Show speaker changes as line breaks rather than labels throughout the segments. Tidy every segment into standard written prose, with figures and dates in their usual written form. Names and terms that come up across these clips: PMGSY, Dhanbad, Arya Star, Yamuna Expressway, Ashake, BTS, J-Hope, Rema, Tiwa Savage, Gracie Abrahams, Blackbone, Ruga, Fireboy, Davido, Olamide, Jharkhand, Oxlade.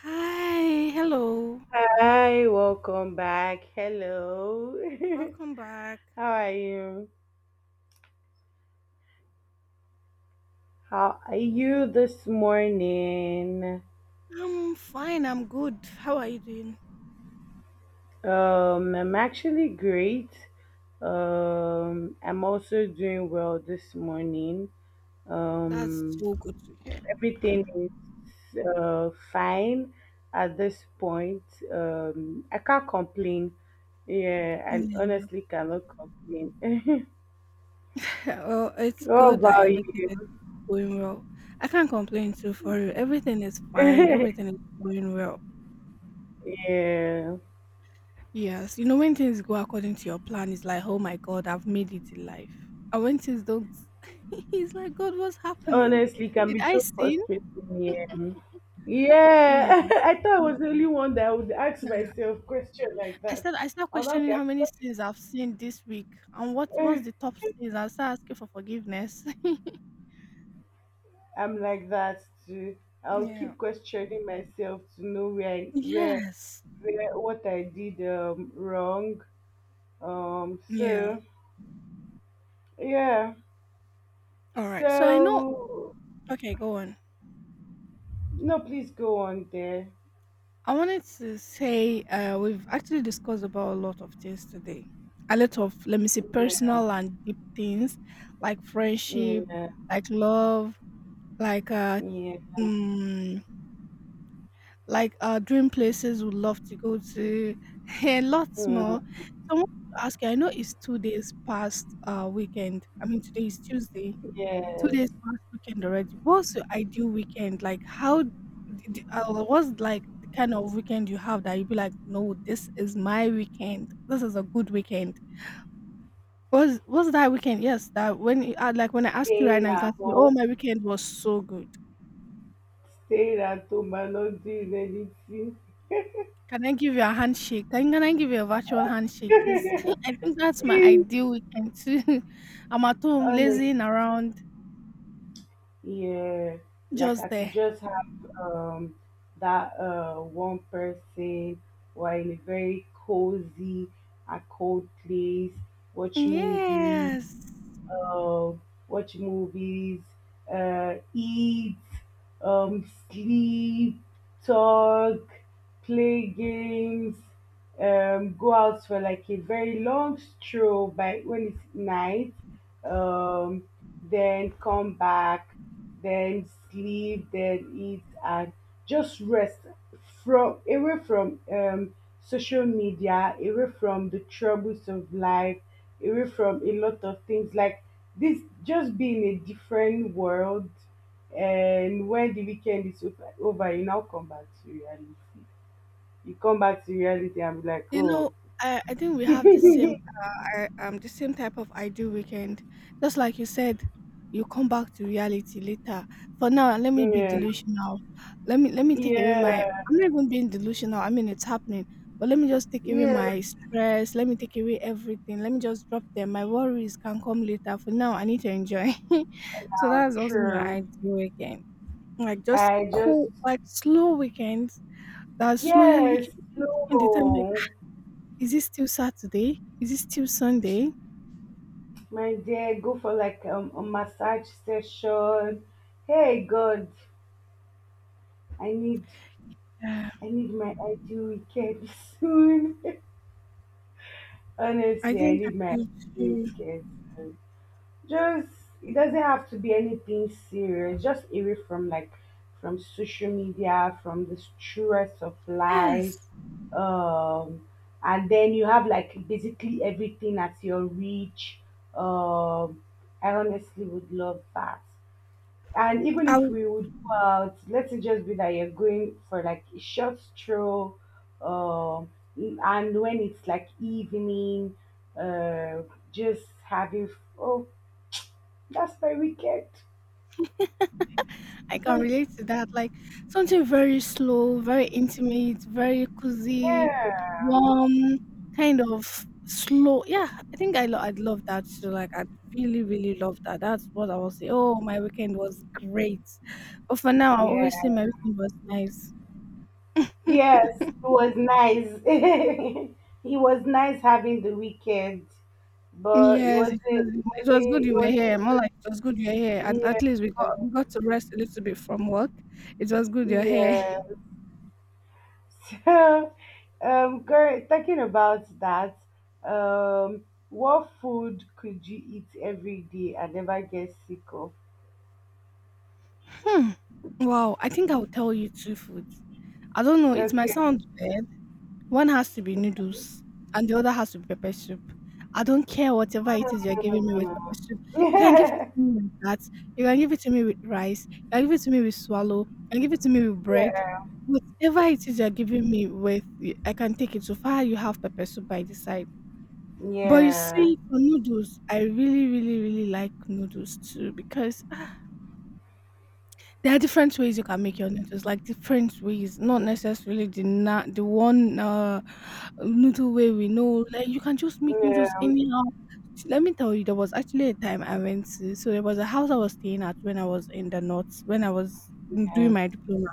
Hi, hello.
Hi, welcome back. Hello.
Welcome back.
How are you? How are you this morning?
I'm fine, I'm good. How are you doing?
I'm actually great. I'm also doing well this morning.
That's
Um,
so good to hear.
everything is fine at this point. I can't complain. Yeah, and
Yeah.
honestly cannot complain.
Well, it's
What
good that
about
everything is
you?
going well. I can't complain too for you. Everything is fine, everything is going well.
Yeah,
Yes, when things go according to your plan, it's like, oh my God, I've made it in life. And when things don't, it's like, God, what's happening?
honestly can
Did
be
I
so
sin?
frustrating. Yeah,
Yeah.
yeah. I thought I was the only one that would ask myself question like
I
that.
start I start
I'll not
questioning
be
how many
asking.
sins I've seen this week and what's the top sins. I start asking for forgiveness.
I'm like that too. I'll
Yeah.
keep questioning myself to know where I, where
Yes.
where what I did wrong.
Yeah.
So yeah.
All right. So I know.
So
Okay, go on.
no, please go on there.
I wanted to say we've actually discussed about a lot of things today. A lot of let me say
Yeah.
personal and deep things like friendship,
Yeah.
like love, like
Yeah.
mm, like dream places would love to go to, and lots more.
Mm,
So I want to ask you, I know it's 2 days past weekend. I mean, today is Tuesday, two
yes.
days past weekend already. What's your ideal weekend? Like, what's like the kind of weekend you have that you'd be like, no, this is my weekend. This is a good weekend. Was that weekend? Yes, like when I ask you right
Staying
now, you
at
can say, "Oh,
home.
my weekend was so good."
Sarah to my not is anything.
Can I give you a handshake? Can I give you a virtual handshake? Because I think that's my ideal weekend too. I'm at home
Honest.
lazing around
Yeah. Like
just
I could
there.
just have um that one person or in a very cozy and cold place, watch movies,
Yes.
uh, watch movies, eat, sleep, talk, play games, go out for like a very long stroll by when it's night, um, then come back, then sleep, then eat, and just rest from, away from social media, away from the troubles of life, away from a lot of things like this. Just be in a different world, and when the weekend is over, you now come back to reality, you come back to reality and be like,
You
oh.
know, I think we have the same I, the same type of ideal weekend. Just like you said, you come back to reality later. For now, let me be
Yeah.
delusional. Let me take away my
Yeah.
I'm not even being delusional. I mean it's happening. But let me just take away
Yeah.
my stress. Let me take away everything. Let me just drop them. My worries can come later. For now, I need to enjoy. So that's also my
Sure.
ideal weekend. Like just
I just,
cool, like slow weekends. That's slow. You
yes,
keep taking the time like,
no,
is it still Saturday? Is it still Sunday?
my dear, go for like a massage session. Hey God, I need,
Yeah,
I need my ideal weekend soon.
I
Honestly I
think I
need my
do
ideal
too.
weekend. Just, it doesn't have to be anything serious. Just away from like, from social media, from the stress of life.
Yes.
Um and then you have like basically everything at your reach. Um I honestly would love that. And even
I
if
w-
we would go out, let's say just be that you're going for like a short stroll, um and when it's like evening, uh just having, oh, that's very wicked.
I can relate to that. Like something very slow, very intimate, very cozy,
Yeah.
warm, kind of slow. Yeah, I think I'd love that too. Like I'd really, really love that. That's what I will say. Oh, my weekend was great. But for now, I always
Yeah.
say my weekend was nice.
Yes, it was nice. It was nice having the weekend, but it
Yes,
wasn't
it was
it
it
wasn't
was good you
it
were
wasn't
here, more like it was good you were here, and at
Yeah,
least we got to rest a little bit from work. It was good you're here.
yeah. So, girl, talking about that, what food could you eat every day and never get sick of?
Hmm. Wow, I think I will tell you two foods. I don't know, it might
Okay.
sound weird. One has to be noodles and the other has to be pepper soup. I don't care whatever it is you're giving me with pepper soup. You can give it to me like that. You can give it to me with rice. You can give it to me with swallow. You can give it to me with
Yeah.
bread.
Yeah.
Whatever it is you're giving me with, I can take it so far. You have pepper soup by the side. But you see, for noodles, I really, really, really like noodles too because there are different ways you can make your noodles, like different ways, not necessarily the one noodle way we know. Like you can just make
Yeah.
noodles anyhow. Let me tell you, there was actually a time so there was a house I was staying at when I was in the north, when I was doing
Yeah.
my diploma.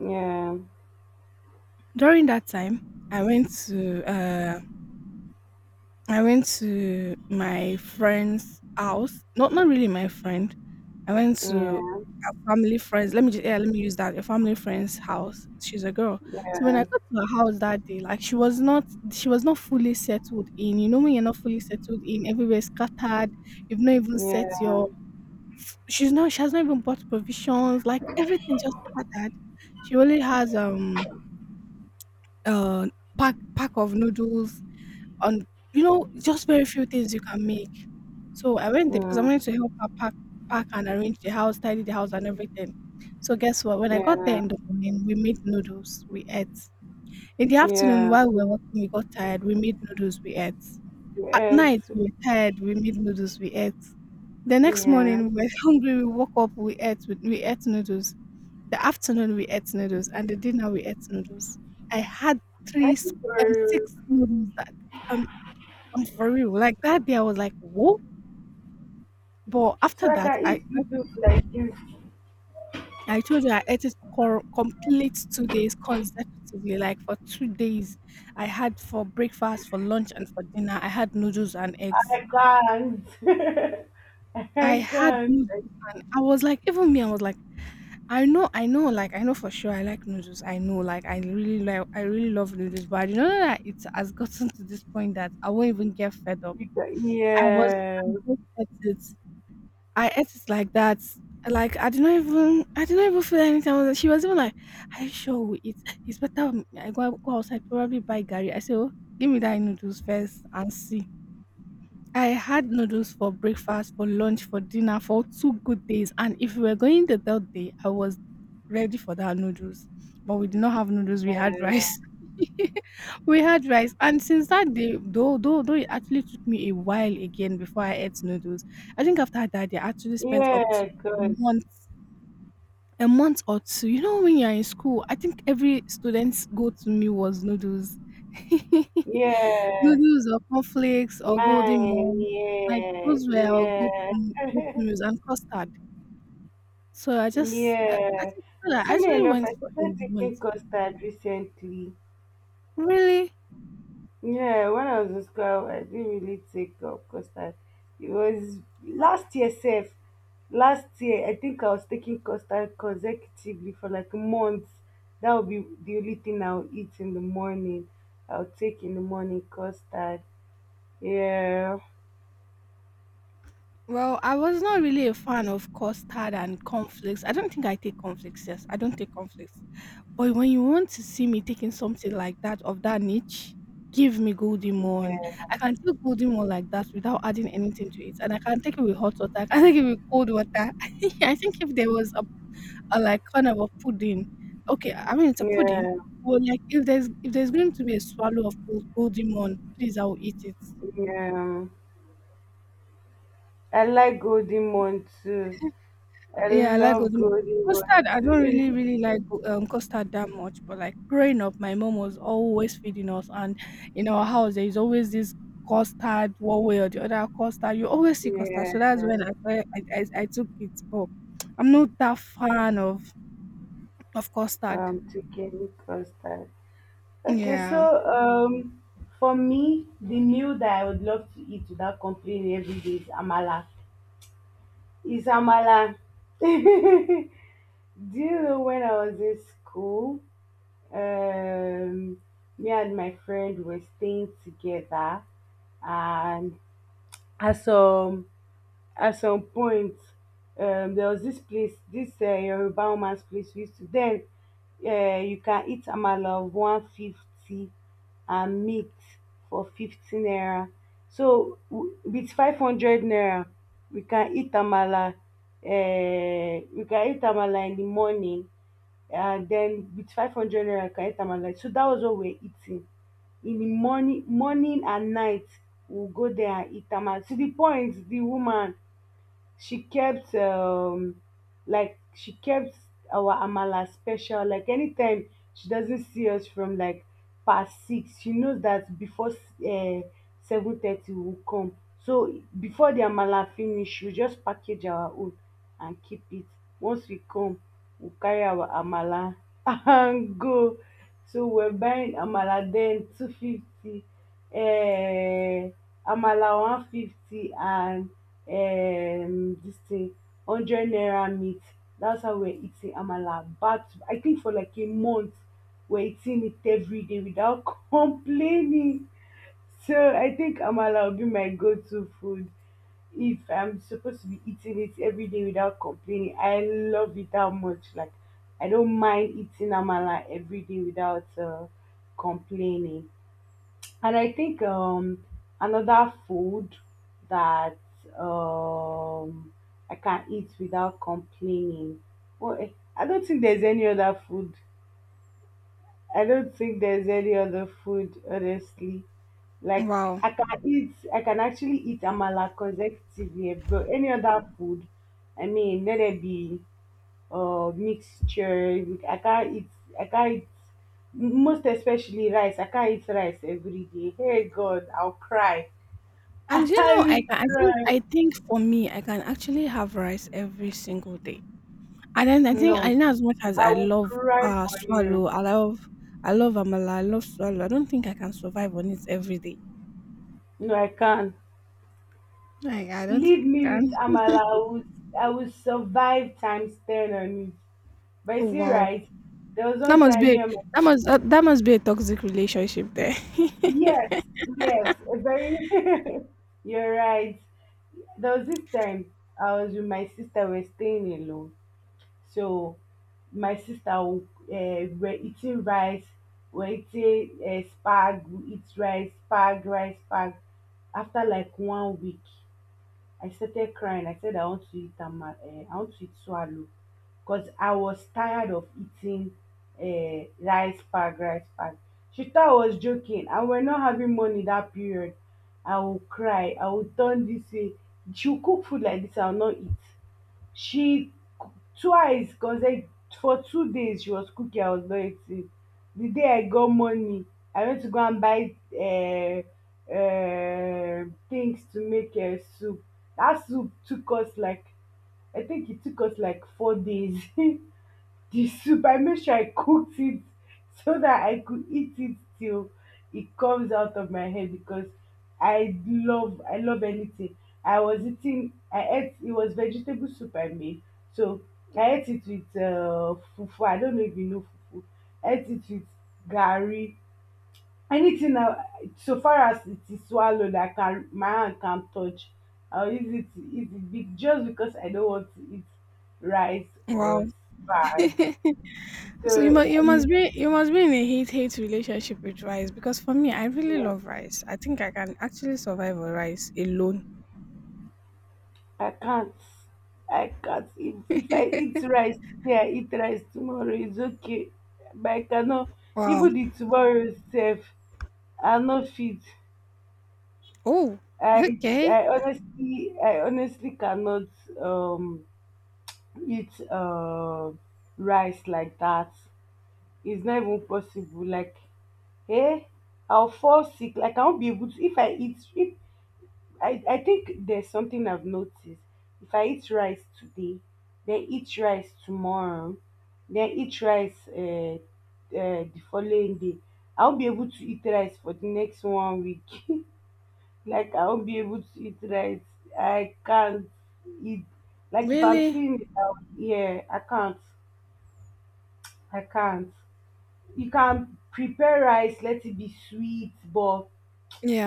Yeah,
During that time, I went to uh, I went to my friend's house. Not really my friend. I went to
yeah,
a family friends. Let me just yeah, let me use that. A family friend's house. She's a girl. So
yeah,
when I got to her house that day, like she was not fully settled in. You know when you're not fully settled in, everywhere's scattered, you've not even set
yeah,
your she has not even bought provisions, like everything just scattered. She only has uh pack of noodles and just very few things you can make. So I went there because I wanted to help her pack and arrange the house, tidy the house and everything. So guess what? When
yeah,
I got there
yeah,
in the morning, we made noodles. We ate. In the afternoon,
yeah,
while we were working, we got tired. We made noodles. We ate. At
yes,
night, we were tired. We made noodles. We ate. The next
yeah.
morning, we were hungry. We woke up. We ate. We ate noodles. The afternoon, we ate noodles, and the dinner, we ate noodles. I had
I
three, s-
think for,
six noodles that um I'm for real, like that day I was like, whoa. But after
so I
that,
can
I
eat good food like this.
I told you I ate it complete 2 days consecutively. Like for 2 days, I had for breakfast, for lunch, and for dinner, I had noodles and eggs.
I can't.
I
I
had
can't.
noodles and I was like, even me, I was like, I know, like I know for sure I like noodles. I know, like I really love noodles, but I didn't know that it has gotten to this point that I won't even get fed up.
Because,
I was
yeah,
I just ate it. I ate it like that. Like I did not even feel anything. She was even like, "Are you sure we eat? It's better I go outside probably buy Gary." I said, "Oh, give me that noodles first and see." I had noodles for breakfast, for lunch, for dinner, for two good days. And if we were going the third day, I was ready for that noodles. But we did not have noodles, we had
yeah,
rice. We had rice. And since that day, though it actually took me a while again before I ate noodles. I think after that day, I actually spent up to
yeah,
a
cause,
month, a month or two. You know when you're in school, I think every student's go to meal was noodles.
yes,
Noodles or cornflakes or golden
mine,
mom. Like
yeah,
those were our go to
yeah,
meals and custard. So I
yeah.
think that I
Funny
actually
enough,
went
I
for a
started taking
month.
custard recently.
Really?
Yeah, when I was in school, I didn't really take up constant. It was
Wow.
last year, self. Last year, I think I was taking constant consecutively for like months. That would be the only thing I'll eat in the morning. I'll take in the morning custard. Yeah,
Well, I was not really a fan of custard and cornflakes. I don't think I take cornflakes. Yes, I don't take cornflakes. But when you want to see me taking something like that of that niche, give me golden one.
yeah,
I can take golden one like that without adding anything to it, and I can take it with hot water. I can take it with cold water. I think if there was a like kind of a pudding, okay, I mean it's a pudding.
yeah,
Well, like if there's going to be a swallow of golden one, please I will eat it.
yeah. I like golden one too. I
Yeah, I like
love
Ozmo.
golden
Custard,
one
I don't really,
too.
really like custard that much, but like growing up, my mom was always feeding us, and in our house, there is always this custard, one way or the other custard. You always see custard,
Yeah,
so that's when I took it. But I'm not that fan of custard.
chicken custard. Okay, so
Yeah.
um, for me, the meal that I would love to eat without complaining every day is amala. Is amala. Do you know, when I was in school, um, me and my friend were staying together, and I saw at some point, there was this place, this Yoruba woman's place we used to. Then you can eat amala of 150 and meat for 15 naira. So with 500 naira, we can eat amala. We can eat amala in the morning, and then with 500 naira, we can eat amala. So that was what we're eating in the morning, morning and night. We'll go there and eat amala. To the point, the woman, She kept like she kept our amala special. Like anytime she doesn't see us from like past six, she knows that before 7:30 will come. So before the amala finish, she will just package our own and keep it. Once we come, we carry our amala and go. So we're buying amala then 250, um amala 150 and this thing, hundred naira meat. That's how we're eating amala, back to, I think, for like a month, we're eating it every day without complaining. So I think amala will be my go-to food. If I'm supposed to be eating it every day without complaining, I love it that much. Like I don't mind eating amala every day without complaining. And I think another food that um, I can eat without complaining. Well, eh, I don't think there's any other food. I don't think there's any other food, honestly. Like
Wow.
I can eat, I can actually eat amala consecutively, but any other food, I mean, let it be mixture, I can't eat. I can't eat. Most especially rice. I can't eat rice every day. Hey God, I'll cry.
And
I will
I think
cry.
I think for me, I can actually have rice every single day. And then I think I
No,
know as much as
I
I
will
love
cry for you.
swallow, I love amala, I love swallow. I don't think I can survive on it every day.
No, I can't.
Like I don't think
Leave
I
me with
can.
Amala. I will survive times 10 on it.
Oh
But see,
wow,
right? There was
that
one
must
time,
be
yeah,
that must be a toxic relationship there.
yes, yes, a very, you're right. There was this time I was with my sister, we're staying alone. So my sister, were eating rice, were eating spag, we eat rice, spag, rice, spag. After like one week, I started crying, I said I want to eat ama I want to eat swallow, because I was tired of eating rice, spag, rice, spag. She thought I was joking, and we're not having money that period. I will cry, I will turn this way, she would cook food like this, I will not eat. She, twice consecutive, for 2 days she was cooking, I was not eating. The day I got money, I went to go and buy things to make soup. That soup took us like, I think it took us like 4 days. The soup, I make sure I cooked it so that I could eat it till it comes out of my head, because I love anything. I ate, it was vegetable soup I made. So I ate it with fufu. I don't know if you know fufu. I ate it with gari. Anything now, so far as it is swallowed, I can, my hand can touch, I'll use it to eat it, just because I don't want to eat rice or
Wow.
bag.
So
So I mean,
you must be in a hate relationship with rice because for me I really
yeah,
love rice. I think I can actually survive on rice alone.
I can't. I can't. If I eat rice today, I eat rice tomorrow, it's okay, but I cannot.
Wow.
Even the tomorrow itself, I'm not fit.
Oh.
I
Okay.
I honestly cannot um eat rice like that. It's not even possible. Like, eh, I'll fall sick. Like I won't be able to if I eat if I, I think there's something I've noticed. If I eat rice today, then eat rice tomorrow, then eat rice the following day, I'll be able to eat rice for the next one week. Like I'll not be able to eat rice. I can't eat. Like if I'm
Really?
seeing it, I, yeah, I can't. I can't. You can prepare rice, let it be sweet, but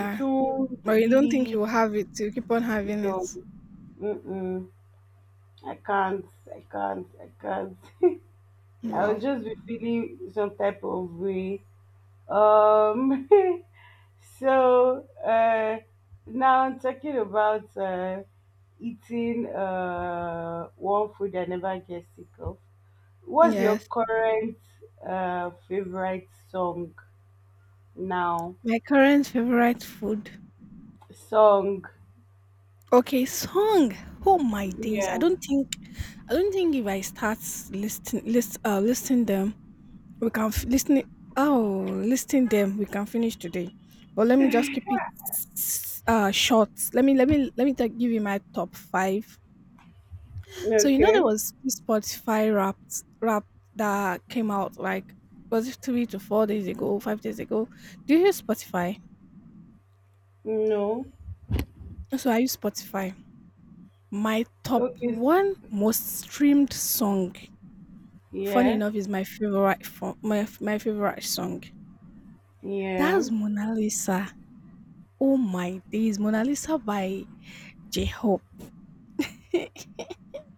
it won't
But you don't think you
really,
will have it? You keep on
you
having
know,
it.
mm-mm. I can't, I can't. I'll
Wow.
just be feeling some type of way. Um, so now I'm talking about eating one food I never get sick of. What's your
Yes.
current favorite song now?
My current favorite food.
Song,
Okay, song. Oh my days.
yeah,
I don't think if I start listing them, we can f- listen it- oh listing them we can finish today. But let me just keep it short. Let me give you my top 5. So there
okay,
was this Spotify Wrapped rap that came out like was it 3 to 4 days ago, 5 days ago. Do you use Spotify?
no,
So I use Spotify. My top
okay,
1 most streamed song, funny
yeah,
enough, is my favorite fo my f my favorite song.
yeah.
That's Mona Lisa. Oh my days, Mona Lisa by J-Hope.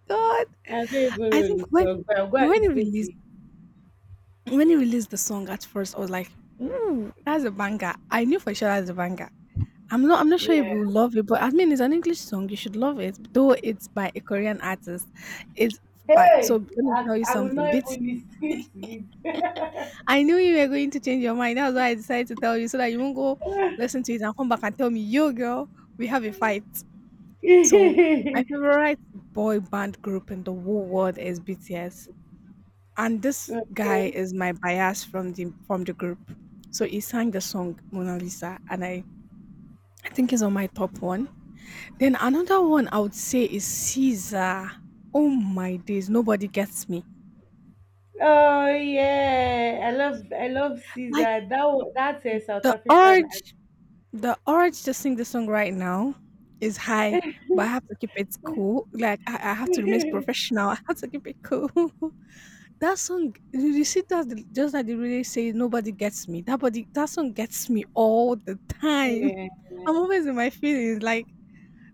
God,
I don't even
I
know
think
this song, but I'll go and
when he
listen to
released
it.
when he released the song at first, I was like, "Ooh, that's a banger." I knew for sure that's a banger. I'm not sure if you will
Yeah.
love it, but I mean, it's an English song, you should love it, though it's by a Korean artist. It's by so
Hey,
let me tell you
I will not
something, BTS.
even listen to
I knew you were going to change your mind. That's why I decided to tell you so that you won't go listen to it and come back and tell me, yo, girl, we have a fight. So, my
it.
favorite boy band group in the whole world is BTS. And this guy
Okay.
is my bias from the group. So he sang the song Mona Lisa and I think it's on my top one. Then another one I would say is Caesar. Oh my days, nobody gets me.
Oh yeah, I love
Like
Caesar. That that's a South
the
African. Act-
urge. The urge to sing the song right now is high, but I have to keep it cool. Like I have to remain professional. I have to keep it cool. That song, you see that the- just like they really say, nobody gets me. That body, that song gets me all the time.
Yeah,
I'm always in my feelings. Like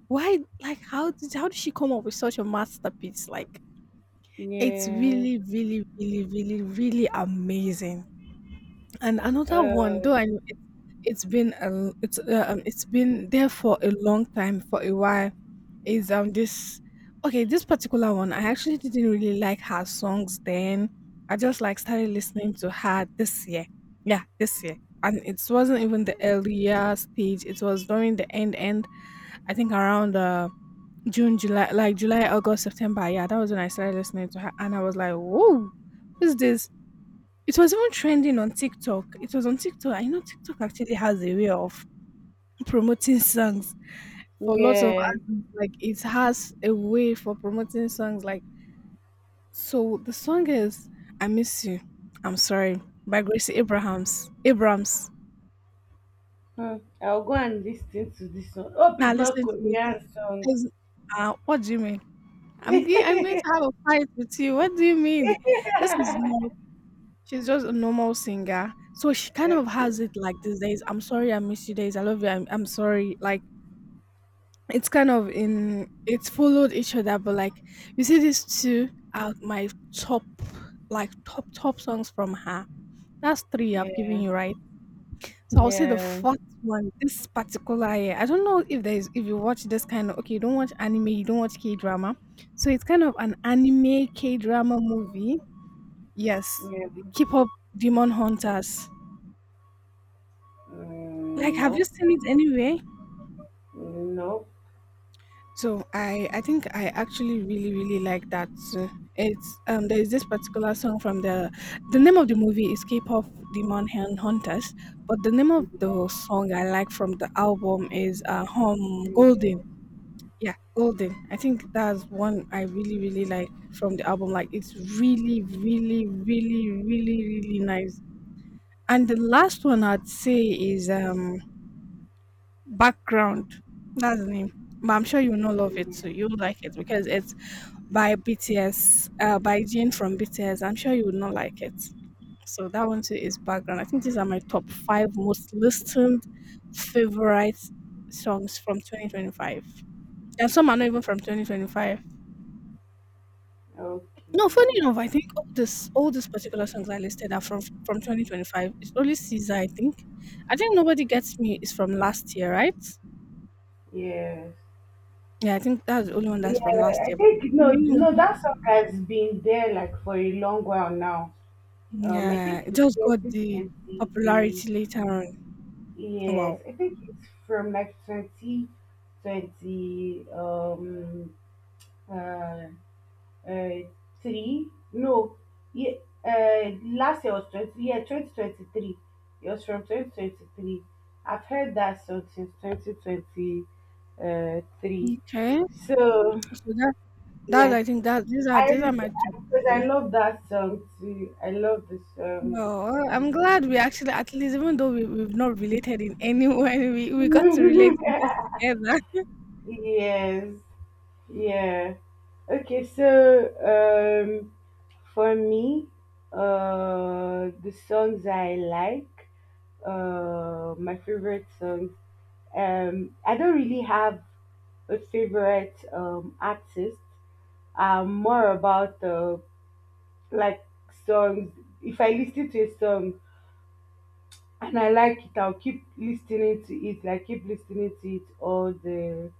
why? Like how did she come up with such a masterpiece? Like it's
yeah.
really, really, really, really, really amazing. And another one, though
Uh,
I know it, it's been there for a long time, for a while, is this okay this particular one. I actually didn't really like her songs then. I just like started listening to her this year. Yeah, this year, and it wasn't even the earlier stage. It was during the end end. I think around June, July, like July, August, September. Yeah, that was when I started listening to her, and I was like, whoa, who's this? It was even trending on TikTok. It was on TikTok. I know TikTok actually has a way of promoting songs for lots of
yeah.
artists. Like it has a way for promoting songs. Like so, the song is "I Miss You." I'm sorry, by Gracie Abrahams. Abrams.
Hmm. I'll go and listen to this one. Hope
Now
it's not
listen to it.
Korean song.
It's- what do you mean? I'm going to have a fight with you. What do you mean? This is not. She's just a normal singer. So she kind
Okay.
of has it like these days. I'm sorry, I miss you days. I love you. I'm sorry. Like it's kind of in it's followed each other but like you see these two are my top, like top top songs from her. That's three I've given
Yeah,
you, right? So I'll say the
yeah,
fourth one. This particular year, I don't know if there's if you watch this kind of, okay, you don't watch anime, you don't watch K-drama, so it's kind of an anime K-drama movie. Yes,
yeah.
keep up. Demon Hunters. Like
Mm,
have you
nope,
seen it anywhere?
nope.
So I think I actually really really like that too. It's there is this particular song from the name of the movie is K-pop Hunters, but the name of the song I like from the album is Home Golden. Yeah, Golden. I think that's one I really really like from the album. Like it's really really really really really nice. And the last one I'd say is Background. That's the name but I'm sure you will not love it too. You'll like it because it's by BTS, by Jin from BTS. I'm sure you would not like it. So that one too is background. I think these are my top five most listened favorite songs from 2025. And some are not even from 2025. No,
Okay.
funny enough, I think all these particular songs I listed are from 2025. It's only Caesar, I think. I think Nobody Gets Me is from last year, right?
Yes.
Yeah, I think that's the only one that's
Yeah,
from last
I
year. But
think
the
no,
remaining
no,
ones,
that song has been there like for a long while now. I
yeah,
think
it
it's
just got the
2020.
popularity later on. Wow.
Yes, I think it's from like 2020. Uh, Uh, three, no, yeah. Last year was twenty, yeah, 2023. It was from 2023. I've heard that song since twenty twenty, three.
Okay,
So
so that
yeah,
I think that
I
these are my top
because I
three.
love that song too. I love the song.
No, I'm glad we actually at least even though we've not related in any way, we got to relate in this together.
Yes. Yeah. Okay, so for me, the songs I like, my favorite songs, I don't really have a favorite artist. I'm more about like songs. If I listen to a song, and I like it, I'll keep listening to it. Like keep listening to it all the,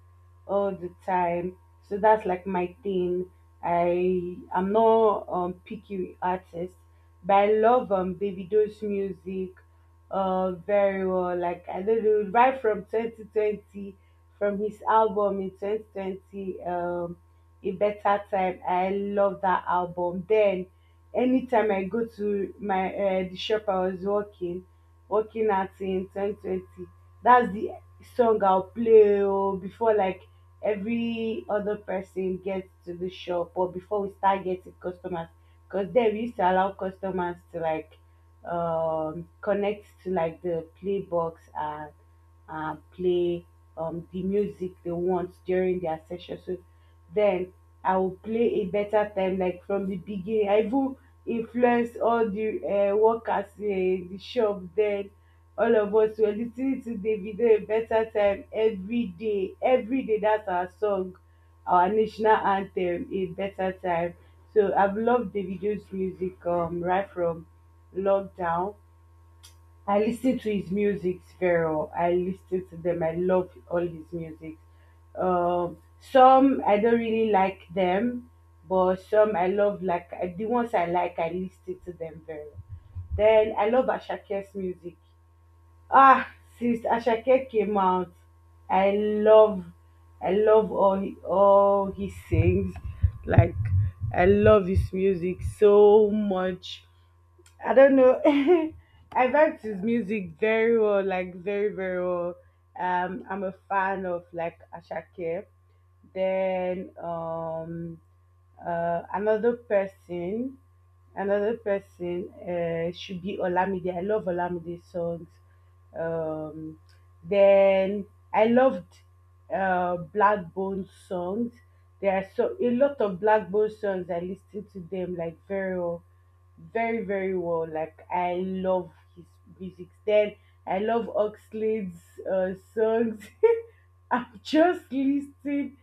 all the time. So that's like my thing. I'm not picky artist, but I love Davido's music very well. Like I don't know, right from 2020, from his album in 2020, A Better Time. I love that album. Then anytime I go to my the shop I was working at in 2020. That's the song I'll play, oh, before like every other person gets to the shop, or before we start getting customers, because then we used to allow customers to like connect to like the play box and play the music they want during their session. So then I will play a better time like from the beginning. I even influence all the workers in the shop. Then all of us were listening to Davido, a better time, every day. Every day, that's our song, our national anthem, a better time. So I've loved Davido's music right from lockdown. I listen to his music very well. I listen to them. I love all his music. Some I don't really like them, but some I love. Like the ones I like, I listen to them very well. Then I love Ashake's music. Ah, since Ashake came out, I love, I love all he sings. Like I love his music so much. I don't know. I liked his music very well, like very, very well. I'm a fan of like Ashake. Then uh, another person, another person should be Olamide. I love Olamide's songs. Um, then I loved Blackbone songs. There are so a lot of Blackbone songs. I listen to them like very well, very very well. Like I love his music. Then I love Oxlade's songs. I'm just listening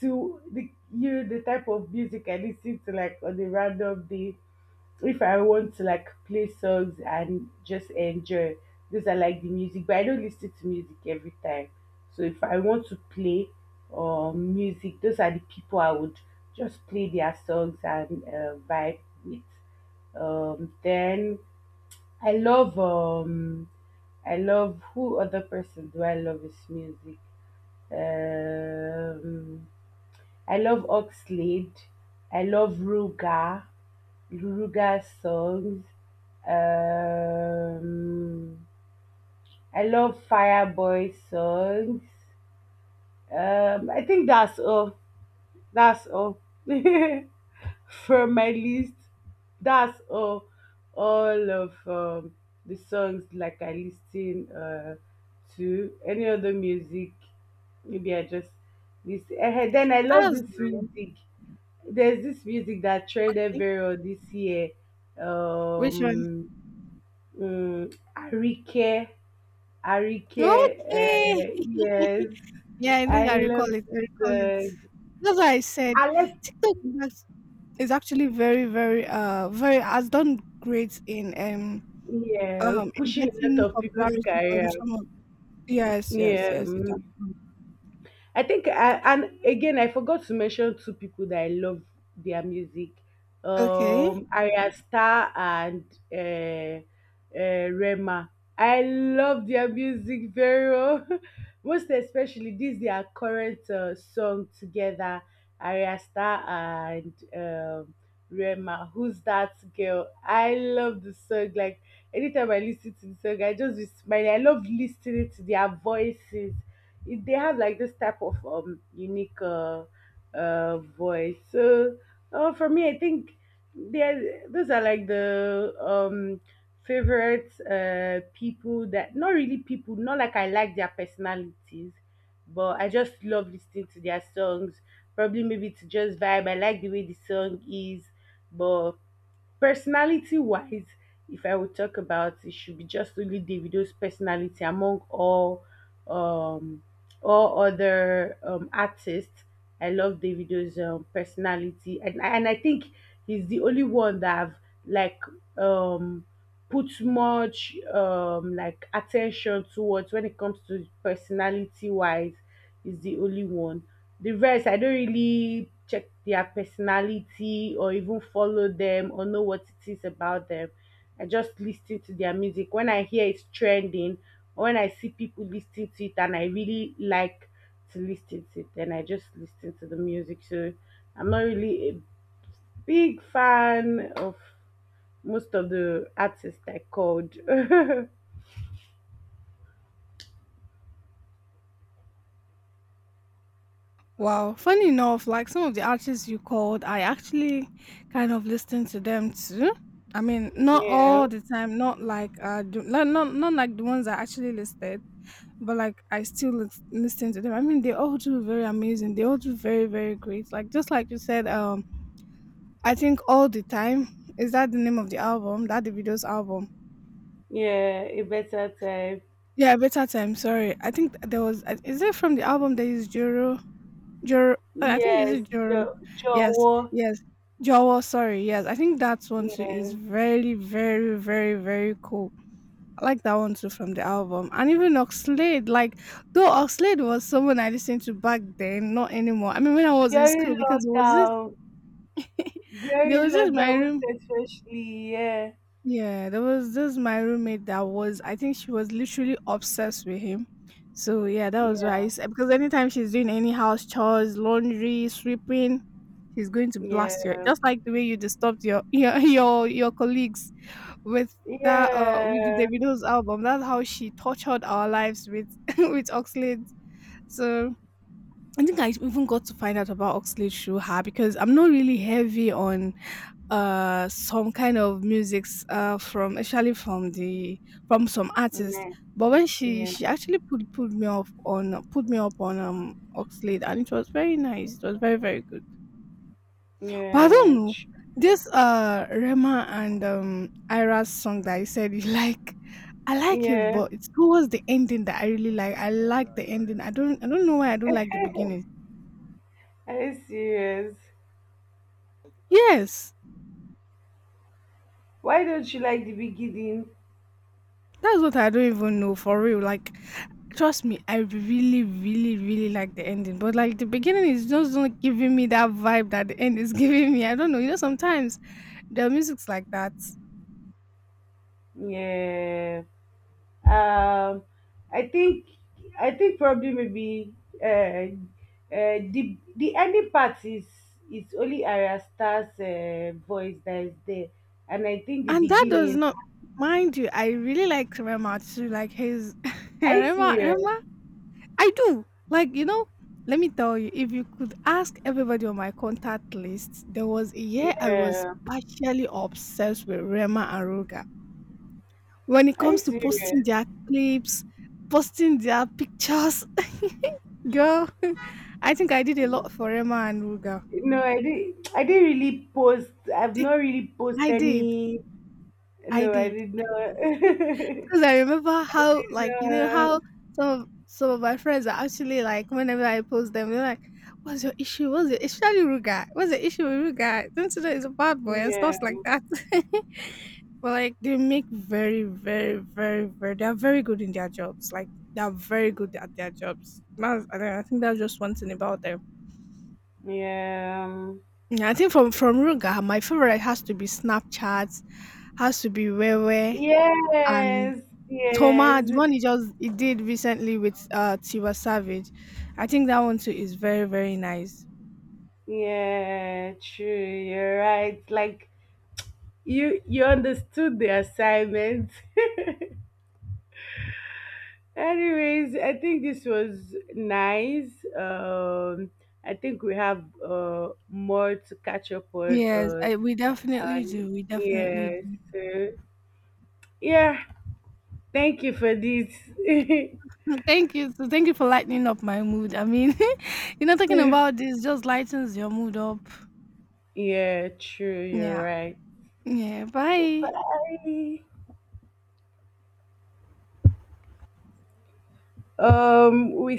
to the type of music I listen to like on a random day. If I want to like play songs and just enjoy, those are like the music, but I don't listen to music every time. So if I want to play music, those are the people I would just play their songs and vibe with. Then I love um, I love, who other person do I love his music. Um, I love Oxlade. I love Ruga. Luruga songs. Um, I love Fireboy songs. I think that's all. That's all. From my list, that's all of the songs like I listen to. Any other music, maybe I just listen. Eh, then I
That
love
was
this
nice.
music, there's this music that trended
Okay.
very well this year.
Which one?
um Arike, arike,
Okay.
yes.
Yeah, I think
I
I
love
recall it. I recall
the,
it. That's what I said.
I love,
TikTok is act- is actually very, very, very has done great
yeah,
in
pushing a lot
getting
of people's
popularity from
career.
some of. Yes, yes,
Yeah,
yes, it has.
mm. I think and again, I forgot to mention two people that I love their music.
Okay.
Arya Star and uh, Rema. I love their music very well. Most especially this their current song together, Arya Star and Rema. Who's that girl? I love the song. Like anytime I listen to the song, I just be smiling. I love listening to their voices. They have like this type of unique voice. So for me, I think those are like the favorite people that, not really people, not like I like their personalities, but I just love listening to their songs. Probably maybe to just vibe. I like the way the song is, but personality wise, if I would talk about, it should be just only Davido's personality among um all other artists. I love Davido's personality, and I think he's the only one that I've like um put much like attention towards when it comes to personality wise. Is the only one. The rest I don't really check their personality or even follow them or know what it is about them. I just listen to their music. When I hear it's trending or when I see people listening to it and I really like to listen to it, then I just listen to the music. So I'm not really a big fan of most of the artists I called.
Wow, funny enough, like some of the artists you called, I actually kind of listen to them too. I mean, not
Yeah,
all the time, not like not like the ones I actually listed, but like I still listen to them. I mean, they all do very amazing. They all do very very great. Like just like you said, I think all the time is that the name of the album, that the video's album.
yeah, a better time.
Yeah, better time. Sorry, I think there was. Is it from the album? There is Juro Jor I think is
Yes,
it Joro? Yes,
Jowo.
yes. Jowo, sorry, yes. I think that one too is
Yeah,
very, very, very, very cool. I like that one too from the album. And even Oxlade, like though Oxlade was someone I listened to back then, not anymore. I mean when I was in school
during
because it was just
lockdown,
there
during
was just my
lockdown, most
room,
especially. Yeah,
yeah, there was this my roommate that was I think she was literally obsessed with him. So yeah, that was why
yeah,
because anytime she's doing any house chores, laundry, sweeping, she's going to blast you.
yeah,
Just like the way you disturbed your your colleagues with that with the Davido's album. That's how she tortured our lives with with Oxlade. So I think I even got to find out about Oxley Shuha because I'm not really heavy on some kind of musics from actually from the from some
yeah,
artists.
yeah,
But when she
yeah,
she actually put me up on Oxlade and it was very nice. It was very very good. But I don't
yeah.
know this Rema and Ira's song that I said you like. I like it,
Yeah.
but it's towards the ending that I really like. I like the ending. I don't know why I don't like the beginning.
Are you serious?
Yes.
Why don't you like the beginning?
That's what I don't even know for real. Like, trust me, I really, really, really like the ending, but like the beginning is just not giving me that vibe that the end is giving me. I don't know. You know, sometimes the music's like that,
Yeah. Um, I think, I think probably maybe uh, uh, the ending part is only Arya Star's voice that is there, and I think the
and that does
beginning.
not mind you. I really like Rema too. Like his
Are you
Rema,
serious?
Rema. I do. Like you know. Let me tell you, if you could ask everybody on my contact list, there was a year I was
Yeah.
partially obsessed with Rema and Ruga. When it
Are you
comes to posting
serious?
their clips, posting their pictures, girl, I think I did a lot for Emma and Ruga.
No, I didn't. I didn't really post. I've not really posted
I did,
any.
I
No, I
did.
did not.
Because I remember how, like, you know,
No.
how some of my friends are actually like, whenever I post them, they're like, "What's your issue? What's your issue? Especially Ruga? What's the issue with Ruga? Don't you know he's a bad boy and
Yeah.
stuff like that?" But like they make very, very, very, very they are very good in their jobs. Like they are very good at their jobs. That's, I don't know, I think that's just one thing about them.
Yeah.
Yeah, I think from Ruga, my favorite has to be Snapchat, has to be Wewe and
Yes.
Toma. The
Yes.
one he just he did recently with Tiwa Savage. I think that one too is very very nice.
Yeah, true. You're right. Like you understood the assignment. Anyways, I think this was nice. Um I think we have more to catch up on
Yes,
uh
I, we definitely
on
do. We definitely
yeah,
do.
so yeah, thank you for this.
Thank you. So thank you for lightening up my mood. I mean. You know, talking about this just lightens your mood up.
Yeah, true, you're
Yeah.
right.
Yeah,
So bye.
bye.
We